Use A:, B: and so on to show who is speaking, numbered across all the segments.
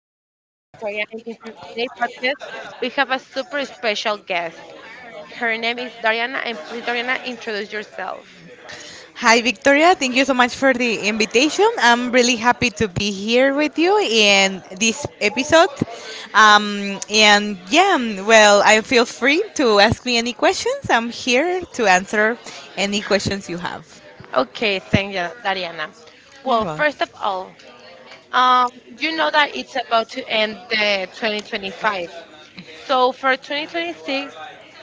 A: and in today's podcast, we have a super special guest. Her name is Dariana, and please, Dariana, introduce yourself.
B: Hi, Victoria. Thank you so much for the invitation. I'm really happy to be here with you in this episode. And yeah, well, I feel free to ask me any questions. I'm here to answer any questions you have.
A: Okay, thank you, Dariana.
B: You All
A: Well, first
B: right.
A: of all, um, you know that it's about to end the 2025. So for 2026,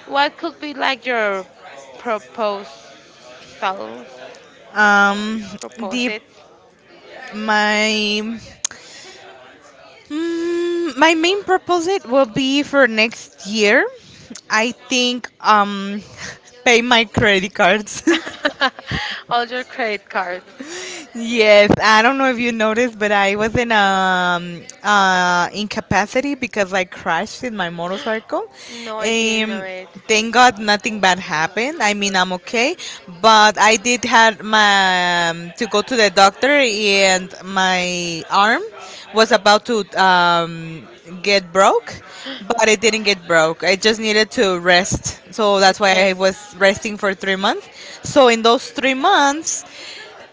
A: what could be like your proposals?
B: Um, the
A: Proposals?
B: my my main purpose it will be for next year. I think pay my credit cards.
A: All your credit cards.
B: Yes, I don't know if you noticed, but I was in incapacity because I crashed in my motorcycle.
A: No, I didn't know
B: Um,
A: it.
B: thank God nothing bad happened. I mean I'm okay, but I did had my to go to the doctor and my arm was about to get broke, but it didn't get broke. I just needed to rest, so that's why I
A: Okay.
B: was resting for 3 months. So in those 3 months.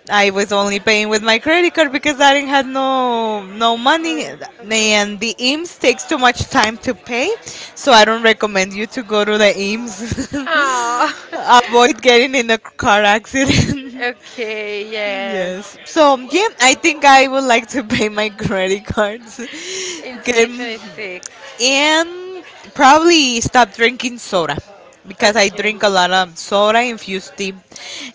B: I was only paying with my credit card because I didn't have no money,
A: No. Okay.
B: and the IMSS takes too much time to pay, so I don't recommend you to go to the
A: Oh.
B: IMSS. Avoid getting in a car accident.
A: Okay. Yes.
B: Yes. So yeah, I think I would like to pay my credit cards,
A: In
B: Get-
A: 2026.
B: and probably stop drinking soda because I
A: Okay.
B: drink a lot of soda infused tea,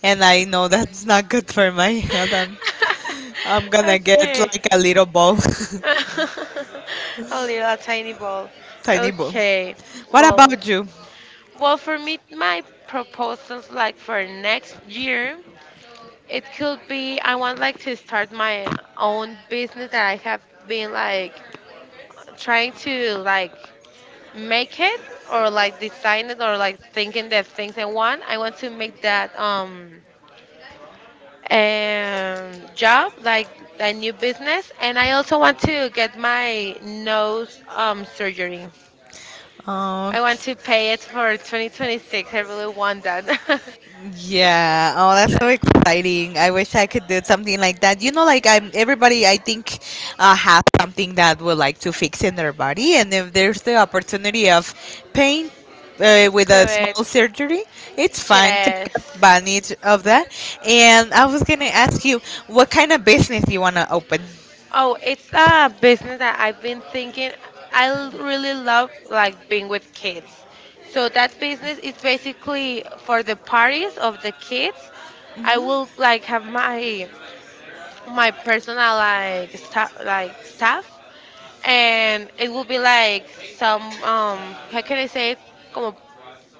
B: and I know that's not good for my health. I'm gonna get
A: Okay.
B: like a little ball,
A: A little tiny ball.
B: tiny ball.
A: Okay.
B: What about
A: Well,
B: you?
A: well, for me, my proposals like for next year, it could be I want like to start my own business that I have been like trying to like make it or like design it or like thinking the things I want. I want to make that job, like a new business, and I also want to get my nose surgery.
B: Uh,
A: I want to pay it for 2026. I really want that.
B: Yeah. Oh, that's so exciting. I wish I could do something like that. You know, like I'm everybody I think has something that would like to fix in their body, and if there's the opportunity of pain with
A: Do
B: a
A: it.
B: small surgery, it's fine. Take
A: Yes.
B: advantage of that. And I was gonna ask you what kind of business you wanna open.
A: Oh, it's a business that I've been thinking. Really love like being with kids. So that business is basically for the parties of the kids. I will like have my personal like staff and it will be like some how can I say it? Como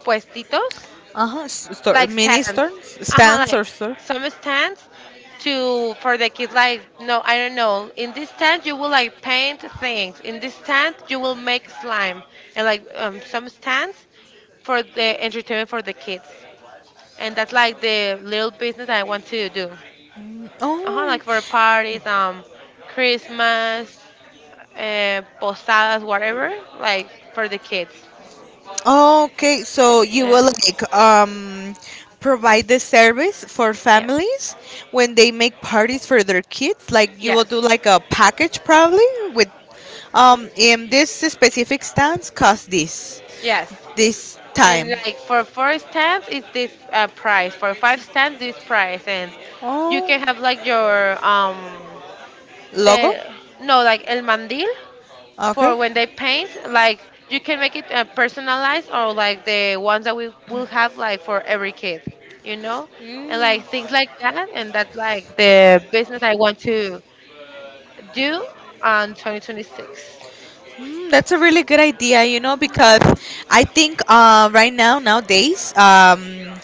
A: puestitos,
B: Uh huh. Store,
A: like
B: mini
A: stands.
B: stands,
A: Uh-huh,
B: stands
A: like
B: or store.
A: some stands to for the kids like no I don't know. In this stand you will like paint things. In this stand you will make slime and like some stands for the entertainment for the kids. And that's like the little business I want to do. Uh-huh,
B: Oh.
A: like for parties, Christmas, posadas, whatever, like for the kids.
B: Okay, so you
A: Yeah,
B: will like provide the service for
A: yeah,
B: families when they make parties for their kids. Like you will
A: yes,
B: do like a package probably with
A: hmm,
B: in this specific stance cost this
A: yes.
B: this time.
A: And like for four stamps, it's this price. For five stamps, this price, and you
B: Oh,
A: can have like your
B: logo.
A: the no like el mandil
B: Okay.
A: for when they paint. Like you can make it personalized or like the ones that we will have like for every kid, you know, and like things like that. And that's like the business I want to due on 2026.
B: Mm, that's a really good idea, you know, because I think right now, nowadays,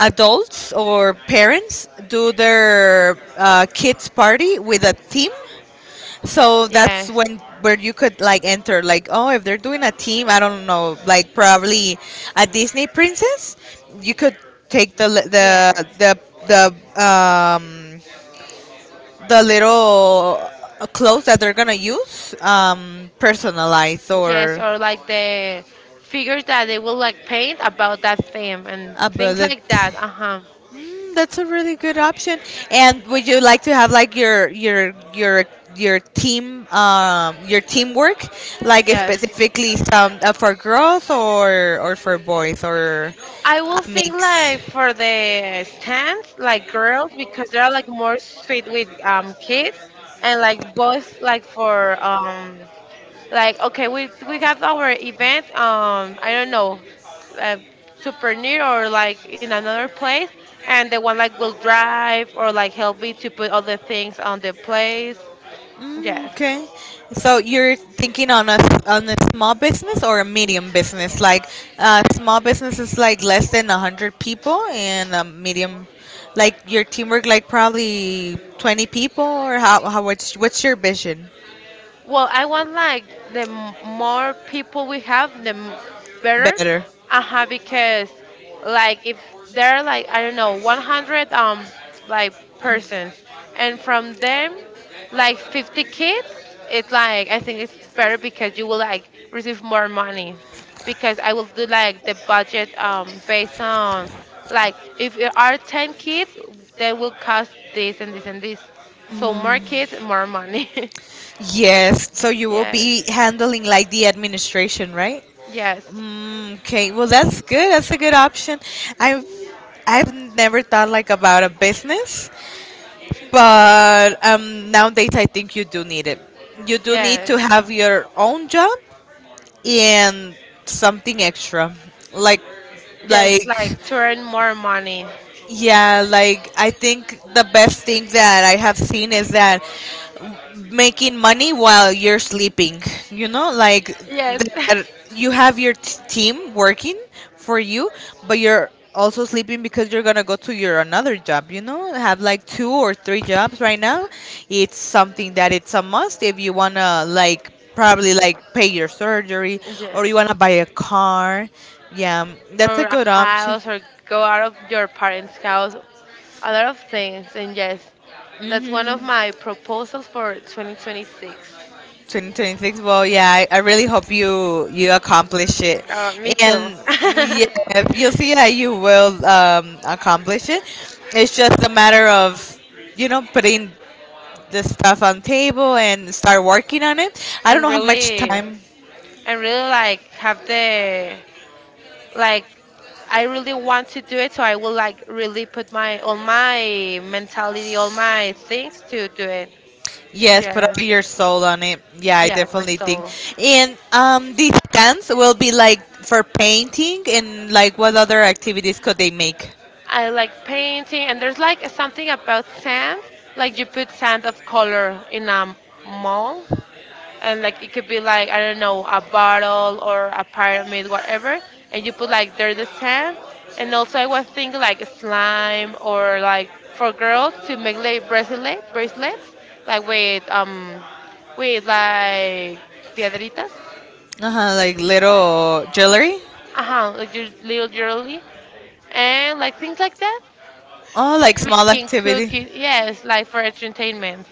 B: adults or parents do their kids' party with a theme. So that's
A: Yes.
B: when where you could like enter like oh if they're doing a team I don't know like probably a Disney princess you could take the li-
A: Yes.
B: the the um the little clothes that they're gonna use personalized
A: Yes,
B: or
A: or like the figures that they will like paint about that theme and
B: a
A: things
B: bullet.
A: like that. Uh-huh.
B: That's a really good option. And would you like to have like your team your teamwork like
A: Yes.
B: specifically some for girls or for boys or
A: I
B: a
A: will think
B: mix?
A: like for the stands, like girls, because they're like more sweet with kids, and like boys, like for Like okay, we have our event. I don't know, uh, super near or like in another place, and the one like will drive or like help me to put other things on the place.
B: Mm,
A: Yes.
B: okay. So you're thinking on a on a small business or a medium business? Like small business is like less than a hundred people, and a medium, like your teamwork, like probably 20 people, or how what's your vision?
A: Well, I want like the more people we have, the
B: Better.
A: better.
B: Better.
A: Uh huh. Because like if there are like I don't know 100 like persons, and from them like 50 kids, it's like I think it's better because you will like receive more money. Because I will do like the budget based on like if there are 10 kids, they will cost this and this and this. So more kids, more money.
B: Yes. So you will
A: Yes.
B: be handling like the administration, right?
A: Yes.
B: Mm, okay. Well, that's good. That's a good option. I've I've never thought like about a business, but nowadays I think you do need it. You do need to
A: Yes.
B: have your own job and something extra, like
A: Yes,
B: like
A: like to
B: exactly.
A: earn more money.
B: Yeah, like I think the best thing that I have seen is that making money while you're sleeping. You know, like
A: Yes.
B: that you have your team working for you, but you're also sleeping because you're gonna go to your another job. You know, have like two or three jobs right now. It's something that it's a must if you wanna like probably like pay your surgery or you
A: Yes.
B: wanna buy a car. Yeah, that's
A: Or
B: a
A: a
B: good option.
A: house or go out of your parents' house. A lot of things. And yes, that's one of my proposals for 2026.
B: 2026, well, yeah, I really hope you you accomplish it,
A: Me too.
B: and yeah, you'll see that you will accomplish it. It's just a matter of, you know, putting the stuff on table and start working on it. I don't
A: and
B: know how much
A: really,
B: time.
A: and really, like have like, I really want to do it. So I will like really put all my mentality, all my things to do it.
B: Yes, put all
A: Yes.
B: your soul on it. Yeah, I
A: Yes,
B: definitely think.
A: Brazil.
B: And the stands will be like for painting and like what other activities could they make.
A: I like painting, and there's like something about sand. Like you put sand of color in a mold, and like it could be like I don't know a bottle or a pyramid, whatever. And you put like there the sand, and also I was thinking like slime or like for girls to make like bracelets, like with like piedritas.
B: Uh-huh, like little jewelry.
A: Uh huh, like your little jewelry and like things like that.
B: Oh, like small
A: Making
B: activity
A: cookies, yes, like for entertainment.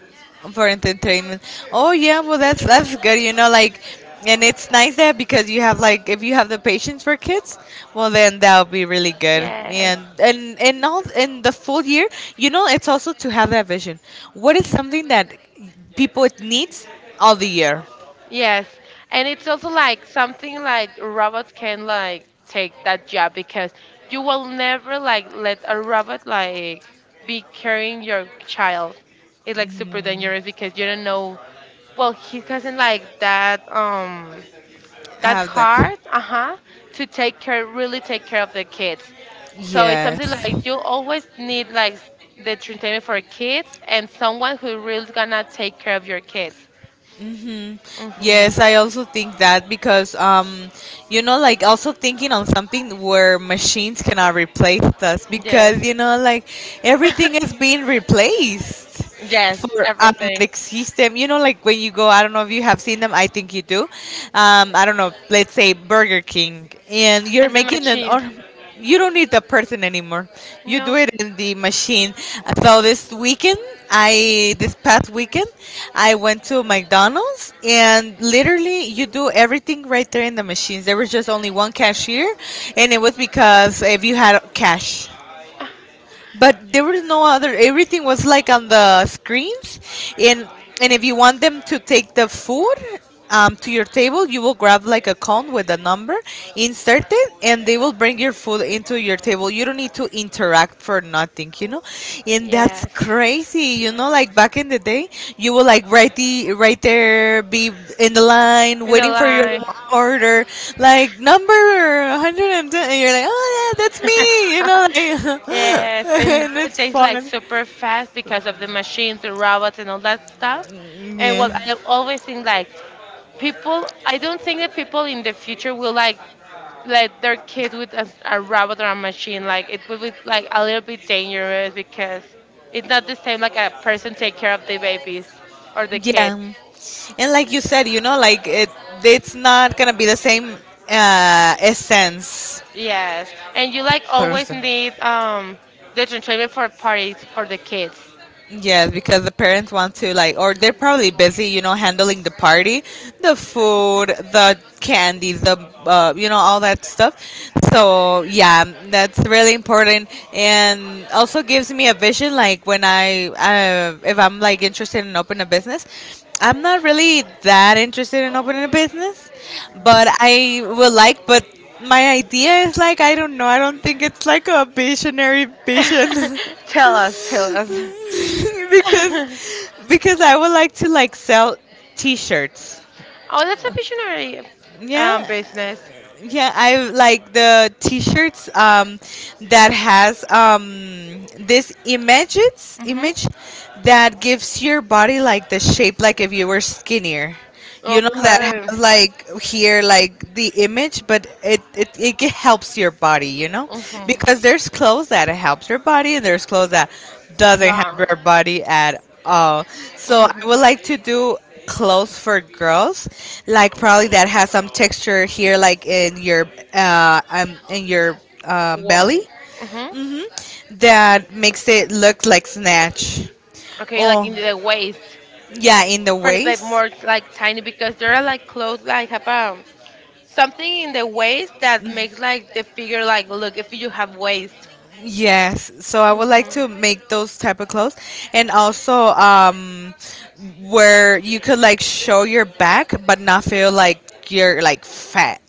B: for entertainment. Oh yeah, well that's good. You know, like, and it's nice that because you have like if you have the patience for kids, well then that'll be really good.
A: Yes,
B: And all in the full year, you know, it's also to have that vision. What is something that people needs all the year?
A: yes, and it's also like something like robots can like take that job because you will never like let a robot like be carrying your child. It's like super dangerous because you don't know. Well, he hasn't like that. That's
B: Have the
A: hard. Uh-huh. to take care Really take care of the kids, so it's
B: yes.
A: something like you always need like the entertainment for kids and someone who really gonna take care of your kids.
B: Hmm.
A: Hmm,
B: Yes, I also think that because you know, like also thinking on something where machines cannot replace us because
A: yes.
B: you know, like everything is being replaced
A: Yes,
B: for
A: everything.
B: automatic system. You know, like when you go, I don't know if you have seen them. I think you do. I don't know. Let's say Burger King, and you're
A: And the
B: making an
A: machine.
B: order. You don't need the person anymore. You do
A: No.
B: it in the machine. So this weekend, I this past weekend, I went to McDonald's and literally you do everything right there in the machines. There was just only one cashier, and it was because if you had cash
A: Ah,
B: but there was no other, everything was like on the screens, and and if you want them to take the food to your table you will grab like a cone with a number, insert it, and they will bring your food into your table. You don't need to interact for nothing, you know. And that's
A: yes.
B: crazy safety, you know, like back in the day, you would like right the right there, be in the line
A: In the
B: waiting for your
A: line.
B: order, like number 110, and ten, and you're like, oh yeah, that's me, you know, like,
A: Yes, and
B: and
A: it
B: it's
A: tastes like
B: fun.
A: super fast because of the machines, the robots, and all that stuff.
B: Mm,
A: And
B: yeah.
A: well, I always think like people. I don't think that people in the future will like let their kids with a robot or a machine. Like it will be like a little bit dangerous because it's not the same like a person take care of the babies or the kid.
B: Yeah. And like you said, you know, like it, it's not gonna be the same essence.
A: Yes, and you like always need the entertainment for parties for the kids.
B: Yes, because the parents want to like, or they're probably busy, you know, handling the party, the food, the candies, the you know, all that stuff. So yeah, that's really important, and also gives me a vision. Like when I, if I'm like interested in opening a business, I'm not really that interested in opening a business, but I would like, but. My idea is like I don't know. I don't think it's like a visionary vision.
A: Tell us, tell us. Oh,
B: because because I would like to like sell t-shirts.
A: that's a visionary
B: Yeah,
A: business.
B: yeah, I like the T-shirts that has this
A: Mm-hmm.
B: image that gives your body like the shape, like if you were skinnier. You know that
A: Okay.
B: has like here like the image, but helps your body. You know,
A: Mm-hmm.
B: because there's clothes that helps your body, and there's clothes that doesn't help
A: No.
B: your body at all. So I would like to
A: Mm-hmm.
B: do clothes for girls like probably that has some texture here like in your belly
A: One. Mm-hmm.
B: that makes it look like snatch.
A: Okay, like
B: Oh
A: in the waist.
B: yeah, in the
A: For like
B: waist.
A: more like tiny because there are like clothes like have something in the waist that makes like the figure like look if you have waist.
B: Yes, so I would like to
A: Mhm.
B: make those type of clothes, and also where you could like show your back but not feel like you're like fat,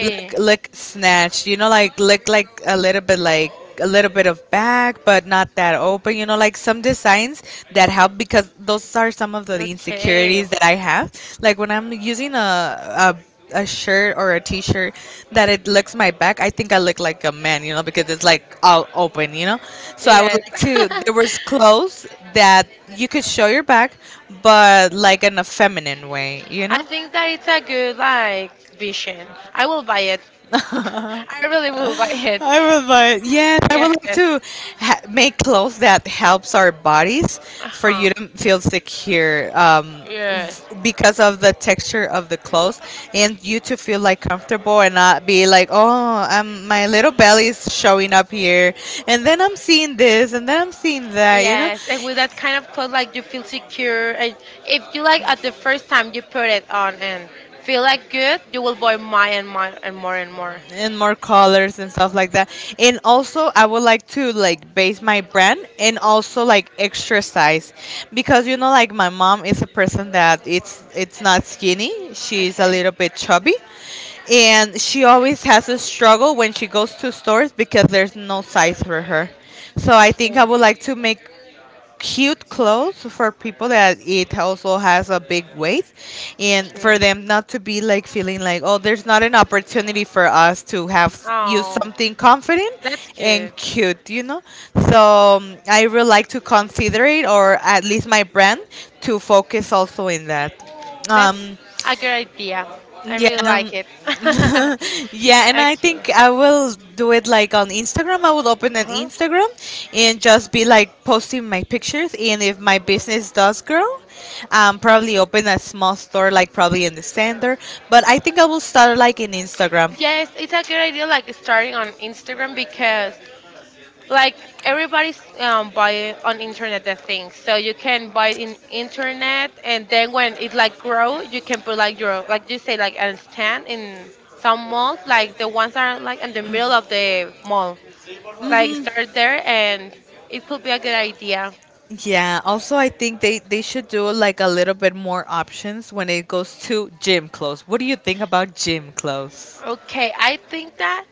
B: look look snatched, you know, like look like a little bit like a little bit of back but not that open, you know, like some designs that help, because those are some of the
A: Okay.
B: insecurities that I have, like when I'm using a shirt or a t-shirt that it looks my back, I think I look like a man, you know, because it's like all open, you know. So I would
A: Yes.
B: like to there was clothes that you could show your back but like in a feminine way, you
A: I
B: know.
A: think that it's a good like vision. I will buy it. I really will
B: I
A: buy it.
B: would like, yes, I would like
A: Yes.
B: to make clothes that helps our bodies
A: Uh
B: for you
A: huh.
B: to feel secure,
A: Yes.
B: because of the texture of the clothes and you to feel like comfortable and not be like, oh, my little belly is showing up here and then I'm seeing this and then I'm seeing that, you know?
A: Yes, and with that kind of clothes, like you feel secure. And if you like at the first time you put it on and feel like good, you will buy more and more and more and more.
B: And more colors and stuff like that. And also, I would like to like base my brand and also like extra size, because you know, like my mom is a person that it's not skinny. She's a
A: Okay.
B: little bit chubby, and she always has a struggle when she goes to stores because there's no size for her. So I think
A: Okay.
B: I would like to make cute clothes for people that it also has a big weight, and for
A: Okay.
B: them not to be like feeling like oh there's not an opportunity for us to have use
A: Oh,
B: something confident
A: that's
B: and
A: good.
B: cute, you know. So I really like to consider it, or at least my brand to focus also in that.
A: That's
B: Um,
A: a good idea. I
B: yeah,
A: really
B: um,
A: like it.
B: yeah, and I
A: Okay.
B: think I will do it like on Instagram. I will open
A: Uh
B: an
A: huh.
B: Instagram and just be like posting my pictures. And if my business does grow, probably open a small store, like probably in the center. But I think I will start like in Instagram.
A: Yes, it's a good idea, like starting on Instagram because, like, everybody's buying on internet the things. So you can buy it in internet, and then when it like grow, you can put like your like you say like a stand in some malls, like the ones that are like in the middle of the mall. Like start there, and it could be a good idea.
B: Yeah. Also, I think they should do like a little bit more options when it goes to gym clothes. What do you think about gym clothes?
A: Okay, I think that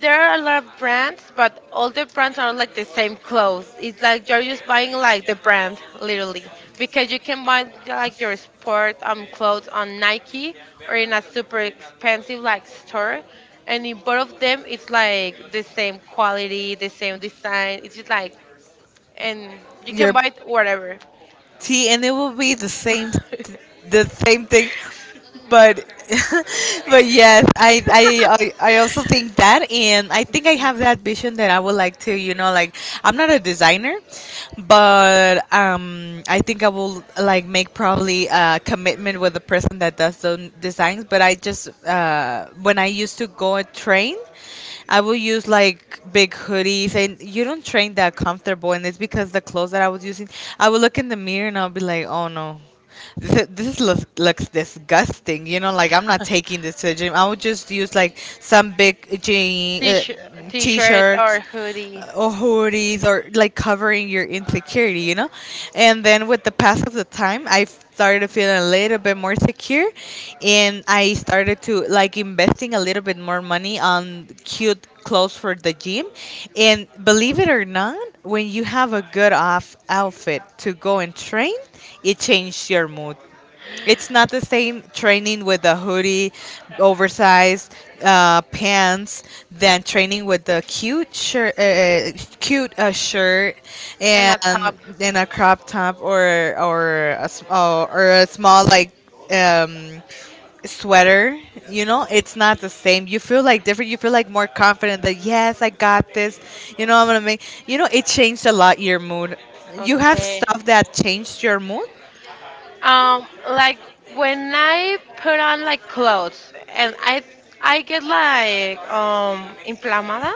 A: there are a lot of brands, but all the brands are like the same clothes. It's like you're just buying like the brand, literally, because you can buy like your sport clothes on Nike or in a super expensive like store, and in both of them it's like the same quality, the same design. It's just like, and you can buy it whatever.
B: See, and it will be the same, the same thing, but, but yes, I also think that, and I think I have that vision that I would like to, you know, like I'm not a designer, but I think I will like make probably a commitment with the person that does the designs. But I just when I used to go and train. I will use like big hoodies, and you don't train that comfortable. And it's because the clothes that I was using, I would look in the mirror and I'll be like, oh no, this is looks, disgusting. You know, like I'm not taking this to the gym. I would just use like some big jean
A: T-shirt, t-shirt or
B: t-shirts
A: hoodie
B: or hoodies or like covering your insecurity, you know? And then with the pass of the time, I started feeling a little bit more secure and I started to like investing a little bit more money on cute clothes for the gym. And believe it or not, when you have a good off outfit to go and train, it changes your mood. It's not the same training with a hoodie, oversized pants, than training with the cute shirt,
A: and a
B: and
A: top.
B: in a crop top or or a small like um, sweater. You know, it's not the same. You feel like different. You feel like more confident that yes, I got this. I'm gonna make. It changed a lot your mood. You have
A: Okay.
B: stuff that changed your mood.
A: Like when I put on like clothes and I get like inflamada,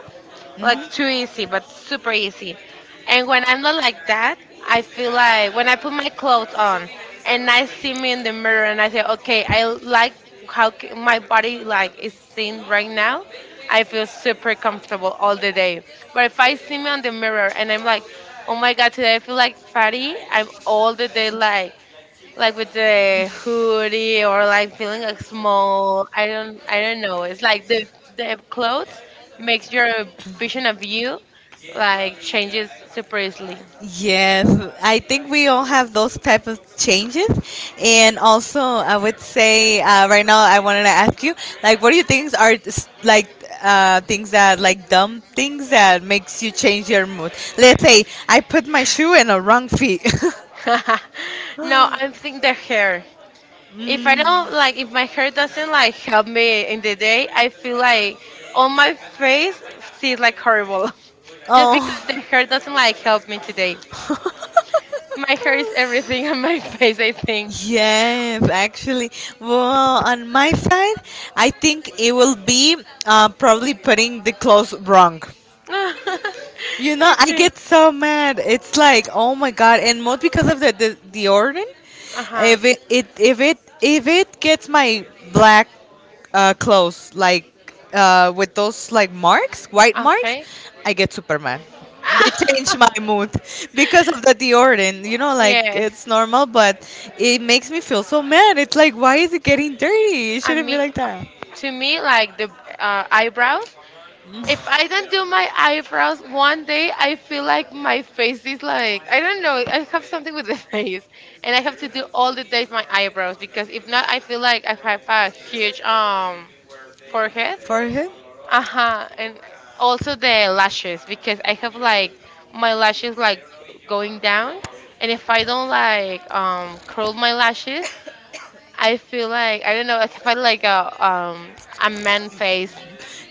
A: like too easy, but super easy. And when I'm not like that, I feel like when I put my clothes on and I see me in the mirror and I say, okay, I like how my body like is seen right now. I feel super comfortable all the day. But if I see me on the mirror and I'm like, oh my god, today I feel like fatty, I'm all the day like with the hoodie or like feeling like small. I don't know. It's like the clothes makes your vision of you like changes super easily.
B: Yes, I think we all have those type of changes, and also I would say right now I wanted to ask you, like, what do you think are like things that like dumb things that makes you change your mood? Let's say I put my shoe in a wrong feet.
A: No, I think the hair. If my hair doesn't like help me in the day, I feel like on my face sees like horrible. Just because
B: Oh.
A: the hair doesn't like help me today. My hair is everything on my face, I think.
B: Yes, actually. Well, on my side, I think it will be probably putting the clothes wrong. You know, I
A: Okay.
B: get so mad. It's like, oh my god, and most because of the organ.
A: Uh huh.
B: If it, it if it if it gets my black clothes like with those like marks, white marks,
A: Okay.
B: I get super mad. They change my mood because of the deodorant. You know, like
A: Yes.
B: it's normal, but it makes me feel so mad. It's like, why is it getting dirty? It
A: I
B: shouldn't be
A: mean,
B: like that.
A: to me, like the eyebrows. If I don't do my eyebrows one day, I feel like my face is like I don't know. I have something with the face, and I have to do all the days my eyebrows because if not, I feel like I have a huge forehead.
B: Forehead?
A: Uh-huh. And also the lashes because I have like my lashes like going down and if I don't like curl my lashes, I feel like I don't know, like if I like a man face.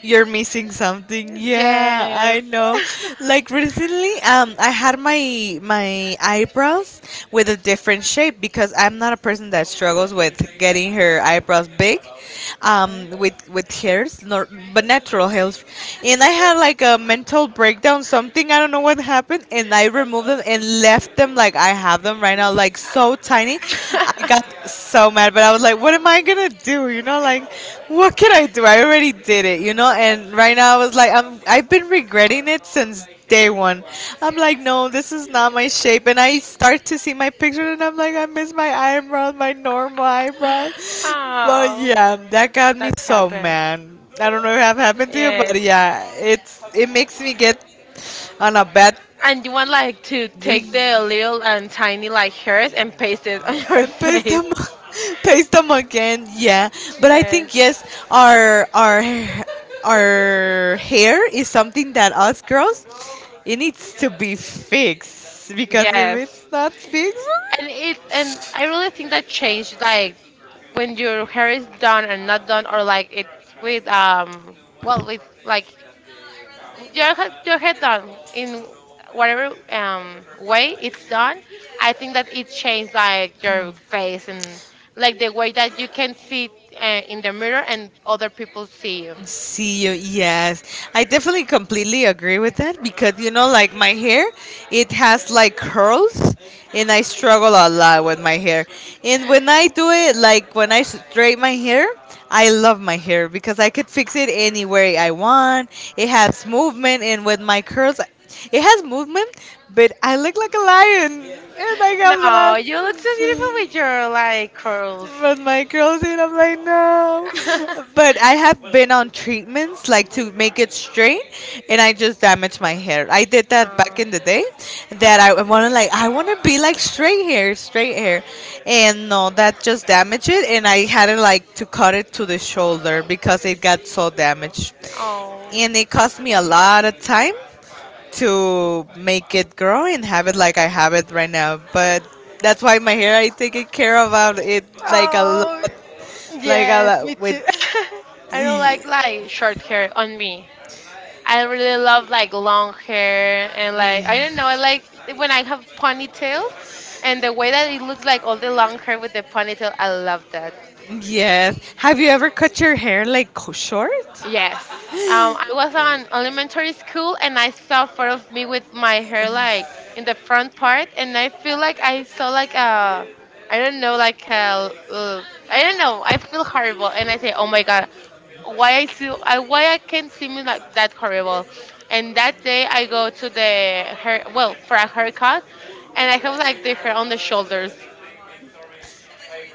B: You're missing something. Yeah,
A: Yes.
B: I know. Like recently, I had my eyebrows with a different shape because I'm not a person that struggles with getting her eyebrows big,
A: Uh-huh.
B: with hairs, nor, but natural hairs. And I had like a mental breakdown, something I don't know what happened, and I removed them and left them like I have them right now, like so tiny. I got like so mad, but I was like, what am I gonna do? You know, like, what can I do? I already did it, you know. And right now, I was like, I've been regretting it since day one. I'm like, no, this is not my shape. And I start to see my picture, and I'm like, I miss my eyebrows, my normal eyebrows. But
A: Oh,
B: yeah, that got me
A: that
B: so
A: happened.
B: mad. I don't know if that happened to you, but
A: Yes,
B: yeah, it makes me get on a bad
A: and you want like to take the little and tiny like hairs and paste it on your
B: Again. Paste
A: face.
B: them paste them again, yeah. But I
A: Yeah.
B: think yes, our our our hair is something that us girls, it needs to be fixed, because if yeah,
A: Yes.
B: it's not fixed.
A: And it and I really think that changed like when your hair is done and not done or like it with with like your hair done in whatever way it's done. I think that it changed like your face and like the way that you can see in the mirror and other people see you.
B: See you. Yes, I definitely completely agree with that because you know, like my hair, it has like curls, and I struggle a lot with my hair. And when I do it, like when I straighten my hair, I love my hair because I could fix it any way I want. It has movement, and with my curls, it has movement, but I look like a lion, and I have
A: No, you look so beautiful
B: that
A: with your like curls.
B: with my curls, and I'm like, no. But I have been on treatments like to make it straight, and I just damaged my hair. I did that back
A: No.
B: in the day, that I want to like, I want to be like straight hair, straight hair. And no, that just damaged it, and I had to like to cut it to the shoulder because it got so damaged.
A: Oh.
B: And it cost me a lot of time to make it grow and have it like I have it right now. But that's why my hair, I take it care about it like a
A: Oh,
B: lot, like a
A: yes, me
B: lot
A: too.
B: with.
A: I don't like short hair on me. I really love like long hair and like I don't know, I like when I have ponytails, and the way that it looks like all the long hair with the ponytail, I love that.
B: Yes. Have you ever cut your hair like short?
A: Yes. I was on elementary school and I saw in front of me with my hair like in the front part, and I feel like I saw like a I don't know like a uh, I don't know, I feel horrible and I say, oh my god, why I see I why I can't see me like that, horrible. And that day I go to the hair for a haircut, and I have like the hair on the shoulders.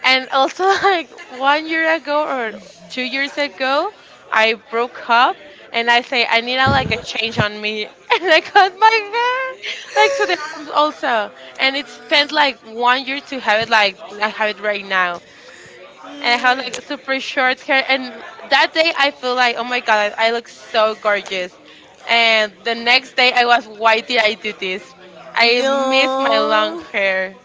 A: And also, like 1 year ago or 2 years ago, I broke up and I say I need like a change on me, and I cut my hair like to the arms also, and it spent like 1 year to have it like I have it right now, and I have like super short hair. And that day I feel like, oh my god, I look so gorgeous, and the next day I was, why did I do this? I miss my long
B: No.
A: hair.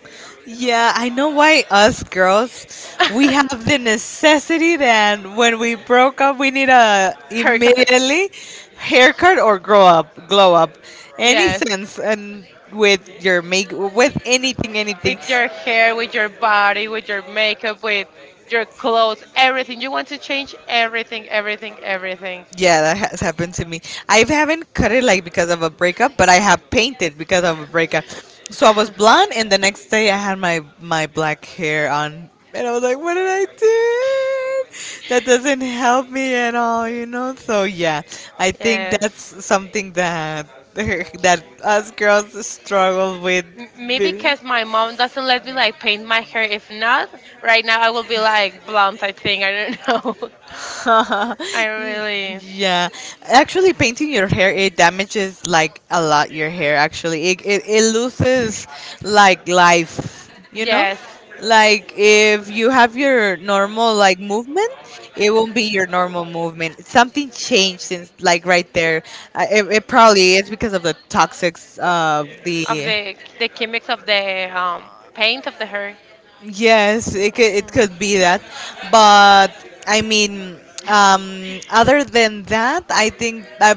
B: Yeah, I know why us girls, we have the necessity that when we broke up, we need a
A: Haircut.
B: immediately haircut or grow up, glow up, any
A: Yes,
B: sense, and with your make, with anything, anything.
A: with your hair, with your body, with your makeup, with your clothes, everything. You want to change everything, everything, everything.
B: Yeah, that has happened to me. I haven't cut it like because of a breakup, but I have painted because of a breakup. So I was blonde, and the next day I had my black hair on, and I was like, "What did I do? That doesn't help me at all, you know." So yeah, I think
A: Yes.
B: that's something that that us girls struggle with.
A: Me,
B: Be
A: because my mom doesn't let me like paint my hair. If not, right now I will be like blonde. I think, I don't know. I really
B: yeah, actually painting your hair, it damages like a lot your hair. Actually, it loses like life, you know,
A: yes
B: like if you have your normal like movement, it won't be your normal movement. Something changed since like right there. It probably is because of the toxics of
A: of
B: the.
A: the chemics of the paint of the hair.
B: Yes, it could, it
A: Mhm.
B: could be that. But I mean, other than that, I think I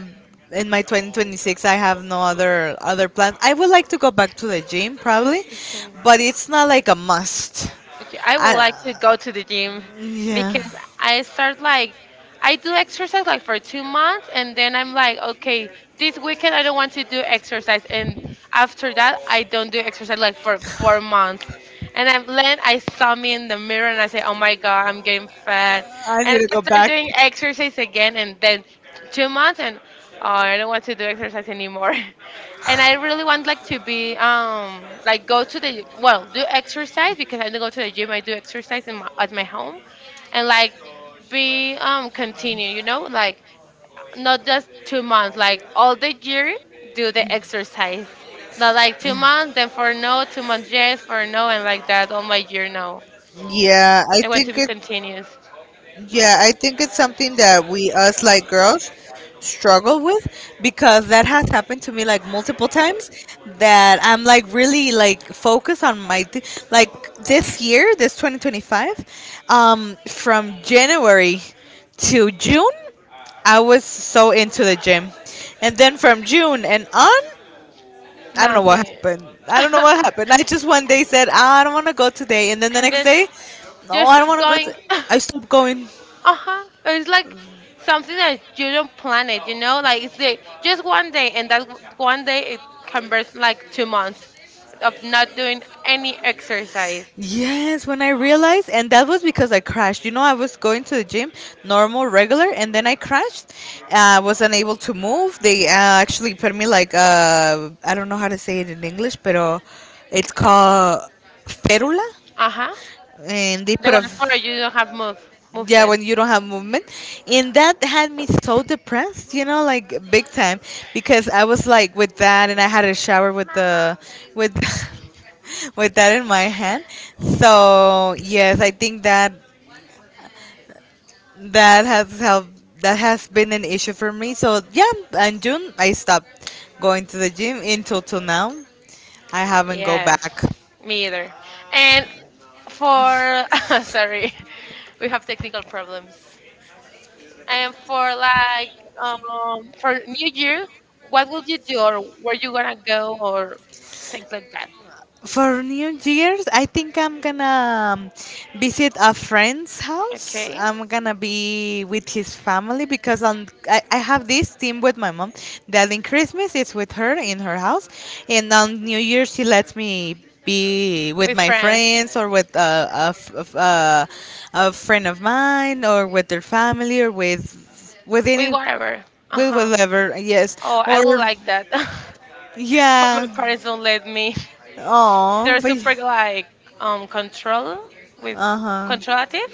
B: in my 2026 I have no other plans. I would like to go back to the gym probably,
A: Okay.
B: but it's not like a must.
A: Okay, I would
B: I,
A: like to go to the gym
B: yeah.
A: because I start like I do exercise like for 2 months, and then I'm like, okay, this weekend I don't want to do exercise. And after that I don't do exercise like for 4 months. And I'm then I saw me in the mirror and I say, oh my god, I'm getting fat,
B: I need
A: and
B: to
A: I
B: go
A: start
B: back.
A: doing exercise again. And then 2 months, and oh, I don't want to do exercise anymore. And I really want like to be like go to the do exercise, because I don't go to the gym. I do exercise in at my home, and like be continue. You know, like not just 2 months, like all the year do the exercise. Not like 2 months, then for no, 2 months yes, for no, and like that all my year no.
B: Yeah, I
A: I want
B: think
A: to be
B: think
A: continuous.
B: Yeah, I think it's something that we, us like girls, struggle with because that has happened to me like multiple times that I'm like really like focused on my like this year, this 2025, from January to June, I was so into the gym. And then from June and on, I don't know what
A: Nothing.
B: happened. I don't know what happened. I just one day said, "Ah, I don't want to go today." And then the
A: And
B: next
A: then
B: day, no,
A: just
B: I don't
A: keep
B: want to go.
A: going.
B: I stopped going.
A: Uh-huh. It's like something that you don't plan it, you know? Just 1 day, and that one day it converts like 2 months of not doing any exercise.
B: Yes, when I realized, and that was because I crashed. You know, I was going to the gym, normal, regular, and then I crashed. I was unable to move. They actually put me like, I don't know how to say it in English, but it's called férula.
A: Uh-huh.
B: And they
A: The
B: put a
A: one for you don't have
B: yeah,
A: movement.
B: when you don't have movement. And that had me so depressed, you know, like, big time, because I was like with that, and I had a shower with the with with that in my hand. So yes, I think that, that has helped, that has been an issue for me. So yeah, in June I stopped going to the gym until till now. I haven't go back.
A: Yes. Me either. And for sorry, we have technical problems. And for like for New Year, what will you do or where you gonna go or things like that?
B: For New Year's, I think I'm gonna visit a friend's house.
A: Okay.
B: I'm gonna be with his family because on I have this team with my mom that in Christmas it's with her in her house, and on New Year's she lets me be with
A: With
B: my
A: friends,
B: friends or with a friend of mine or with their family or with
A: with
B: any,
A: whatever. Uh
B: with
A: huh.
B: whatever, yes,
A: Oh, I
B: or
A: would like that, but
B: yeah.
A: my parents don't let me.
B: Oh,
A: They're
B: but.
A: super like control with
B: Uh huh.
A: controlative.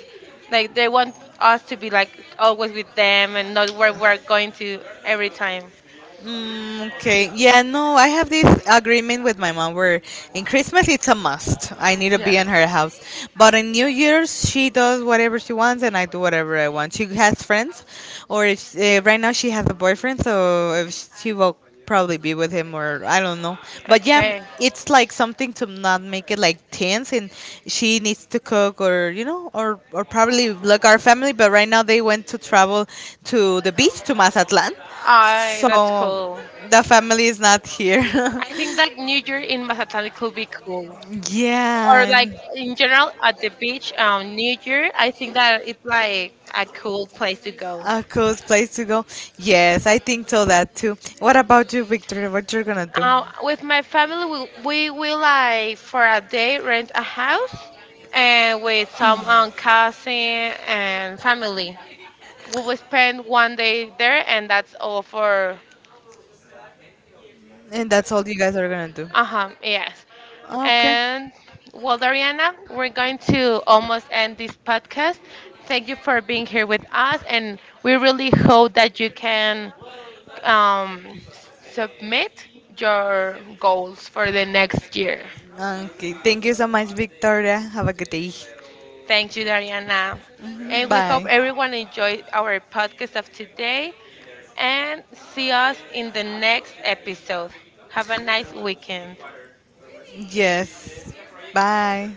A: Like they want us to be like always with them and not where we're going to every time.
B: Mm, okay. Yeah, no, I have this agreement with my mom where in Christmas it's a must. I need to be
A: Yeah.
B: in her house. But in New Year's, she does whatever she wants and I do whatever I want. She has friends, or if, right now she has a boyfriend, so if she will probably be with him, or I don't know. But yeah,
A: Okay.
B: it's like something to not make it like tense, and she needs to cook, or or probably like our family, but right now they went to travel to the beach, to Mazatlan,
A: I that's
B: so
A: cool.
B: the family is not here.
A: I think that New Year in Mazatlan could be cool. Or
B: Yeah.
A: like in general at the beach, New Year. I think that it's like a cool place to go.
B: A cool place to go. Yes, I think so that too. What about you, Victoria? What you're gonna do?
A: With my family, we will like for a day rent a house, and with some cousin and family. We will spend 1 day there, and that's all for.
B: And that's all you guys are gonna do.
A: Uh huh. Yes.
B: Okay.
A: And well, Dariana, we're going to almost end this podcast. Thank you for being here with us, and we really hope that you can um, submit your goals for the next year.
B: Okay, thank you so much, Victoria. Have a good day.
A: Thank you, Dariana.
B: Mhm.
A: And we hope
B: Bye.
A: everyone enjoyed our podcast of today and see us in the next episode. Have a nice weekend.
B: Yes. Bye.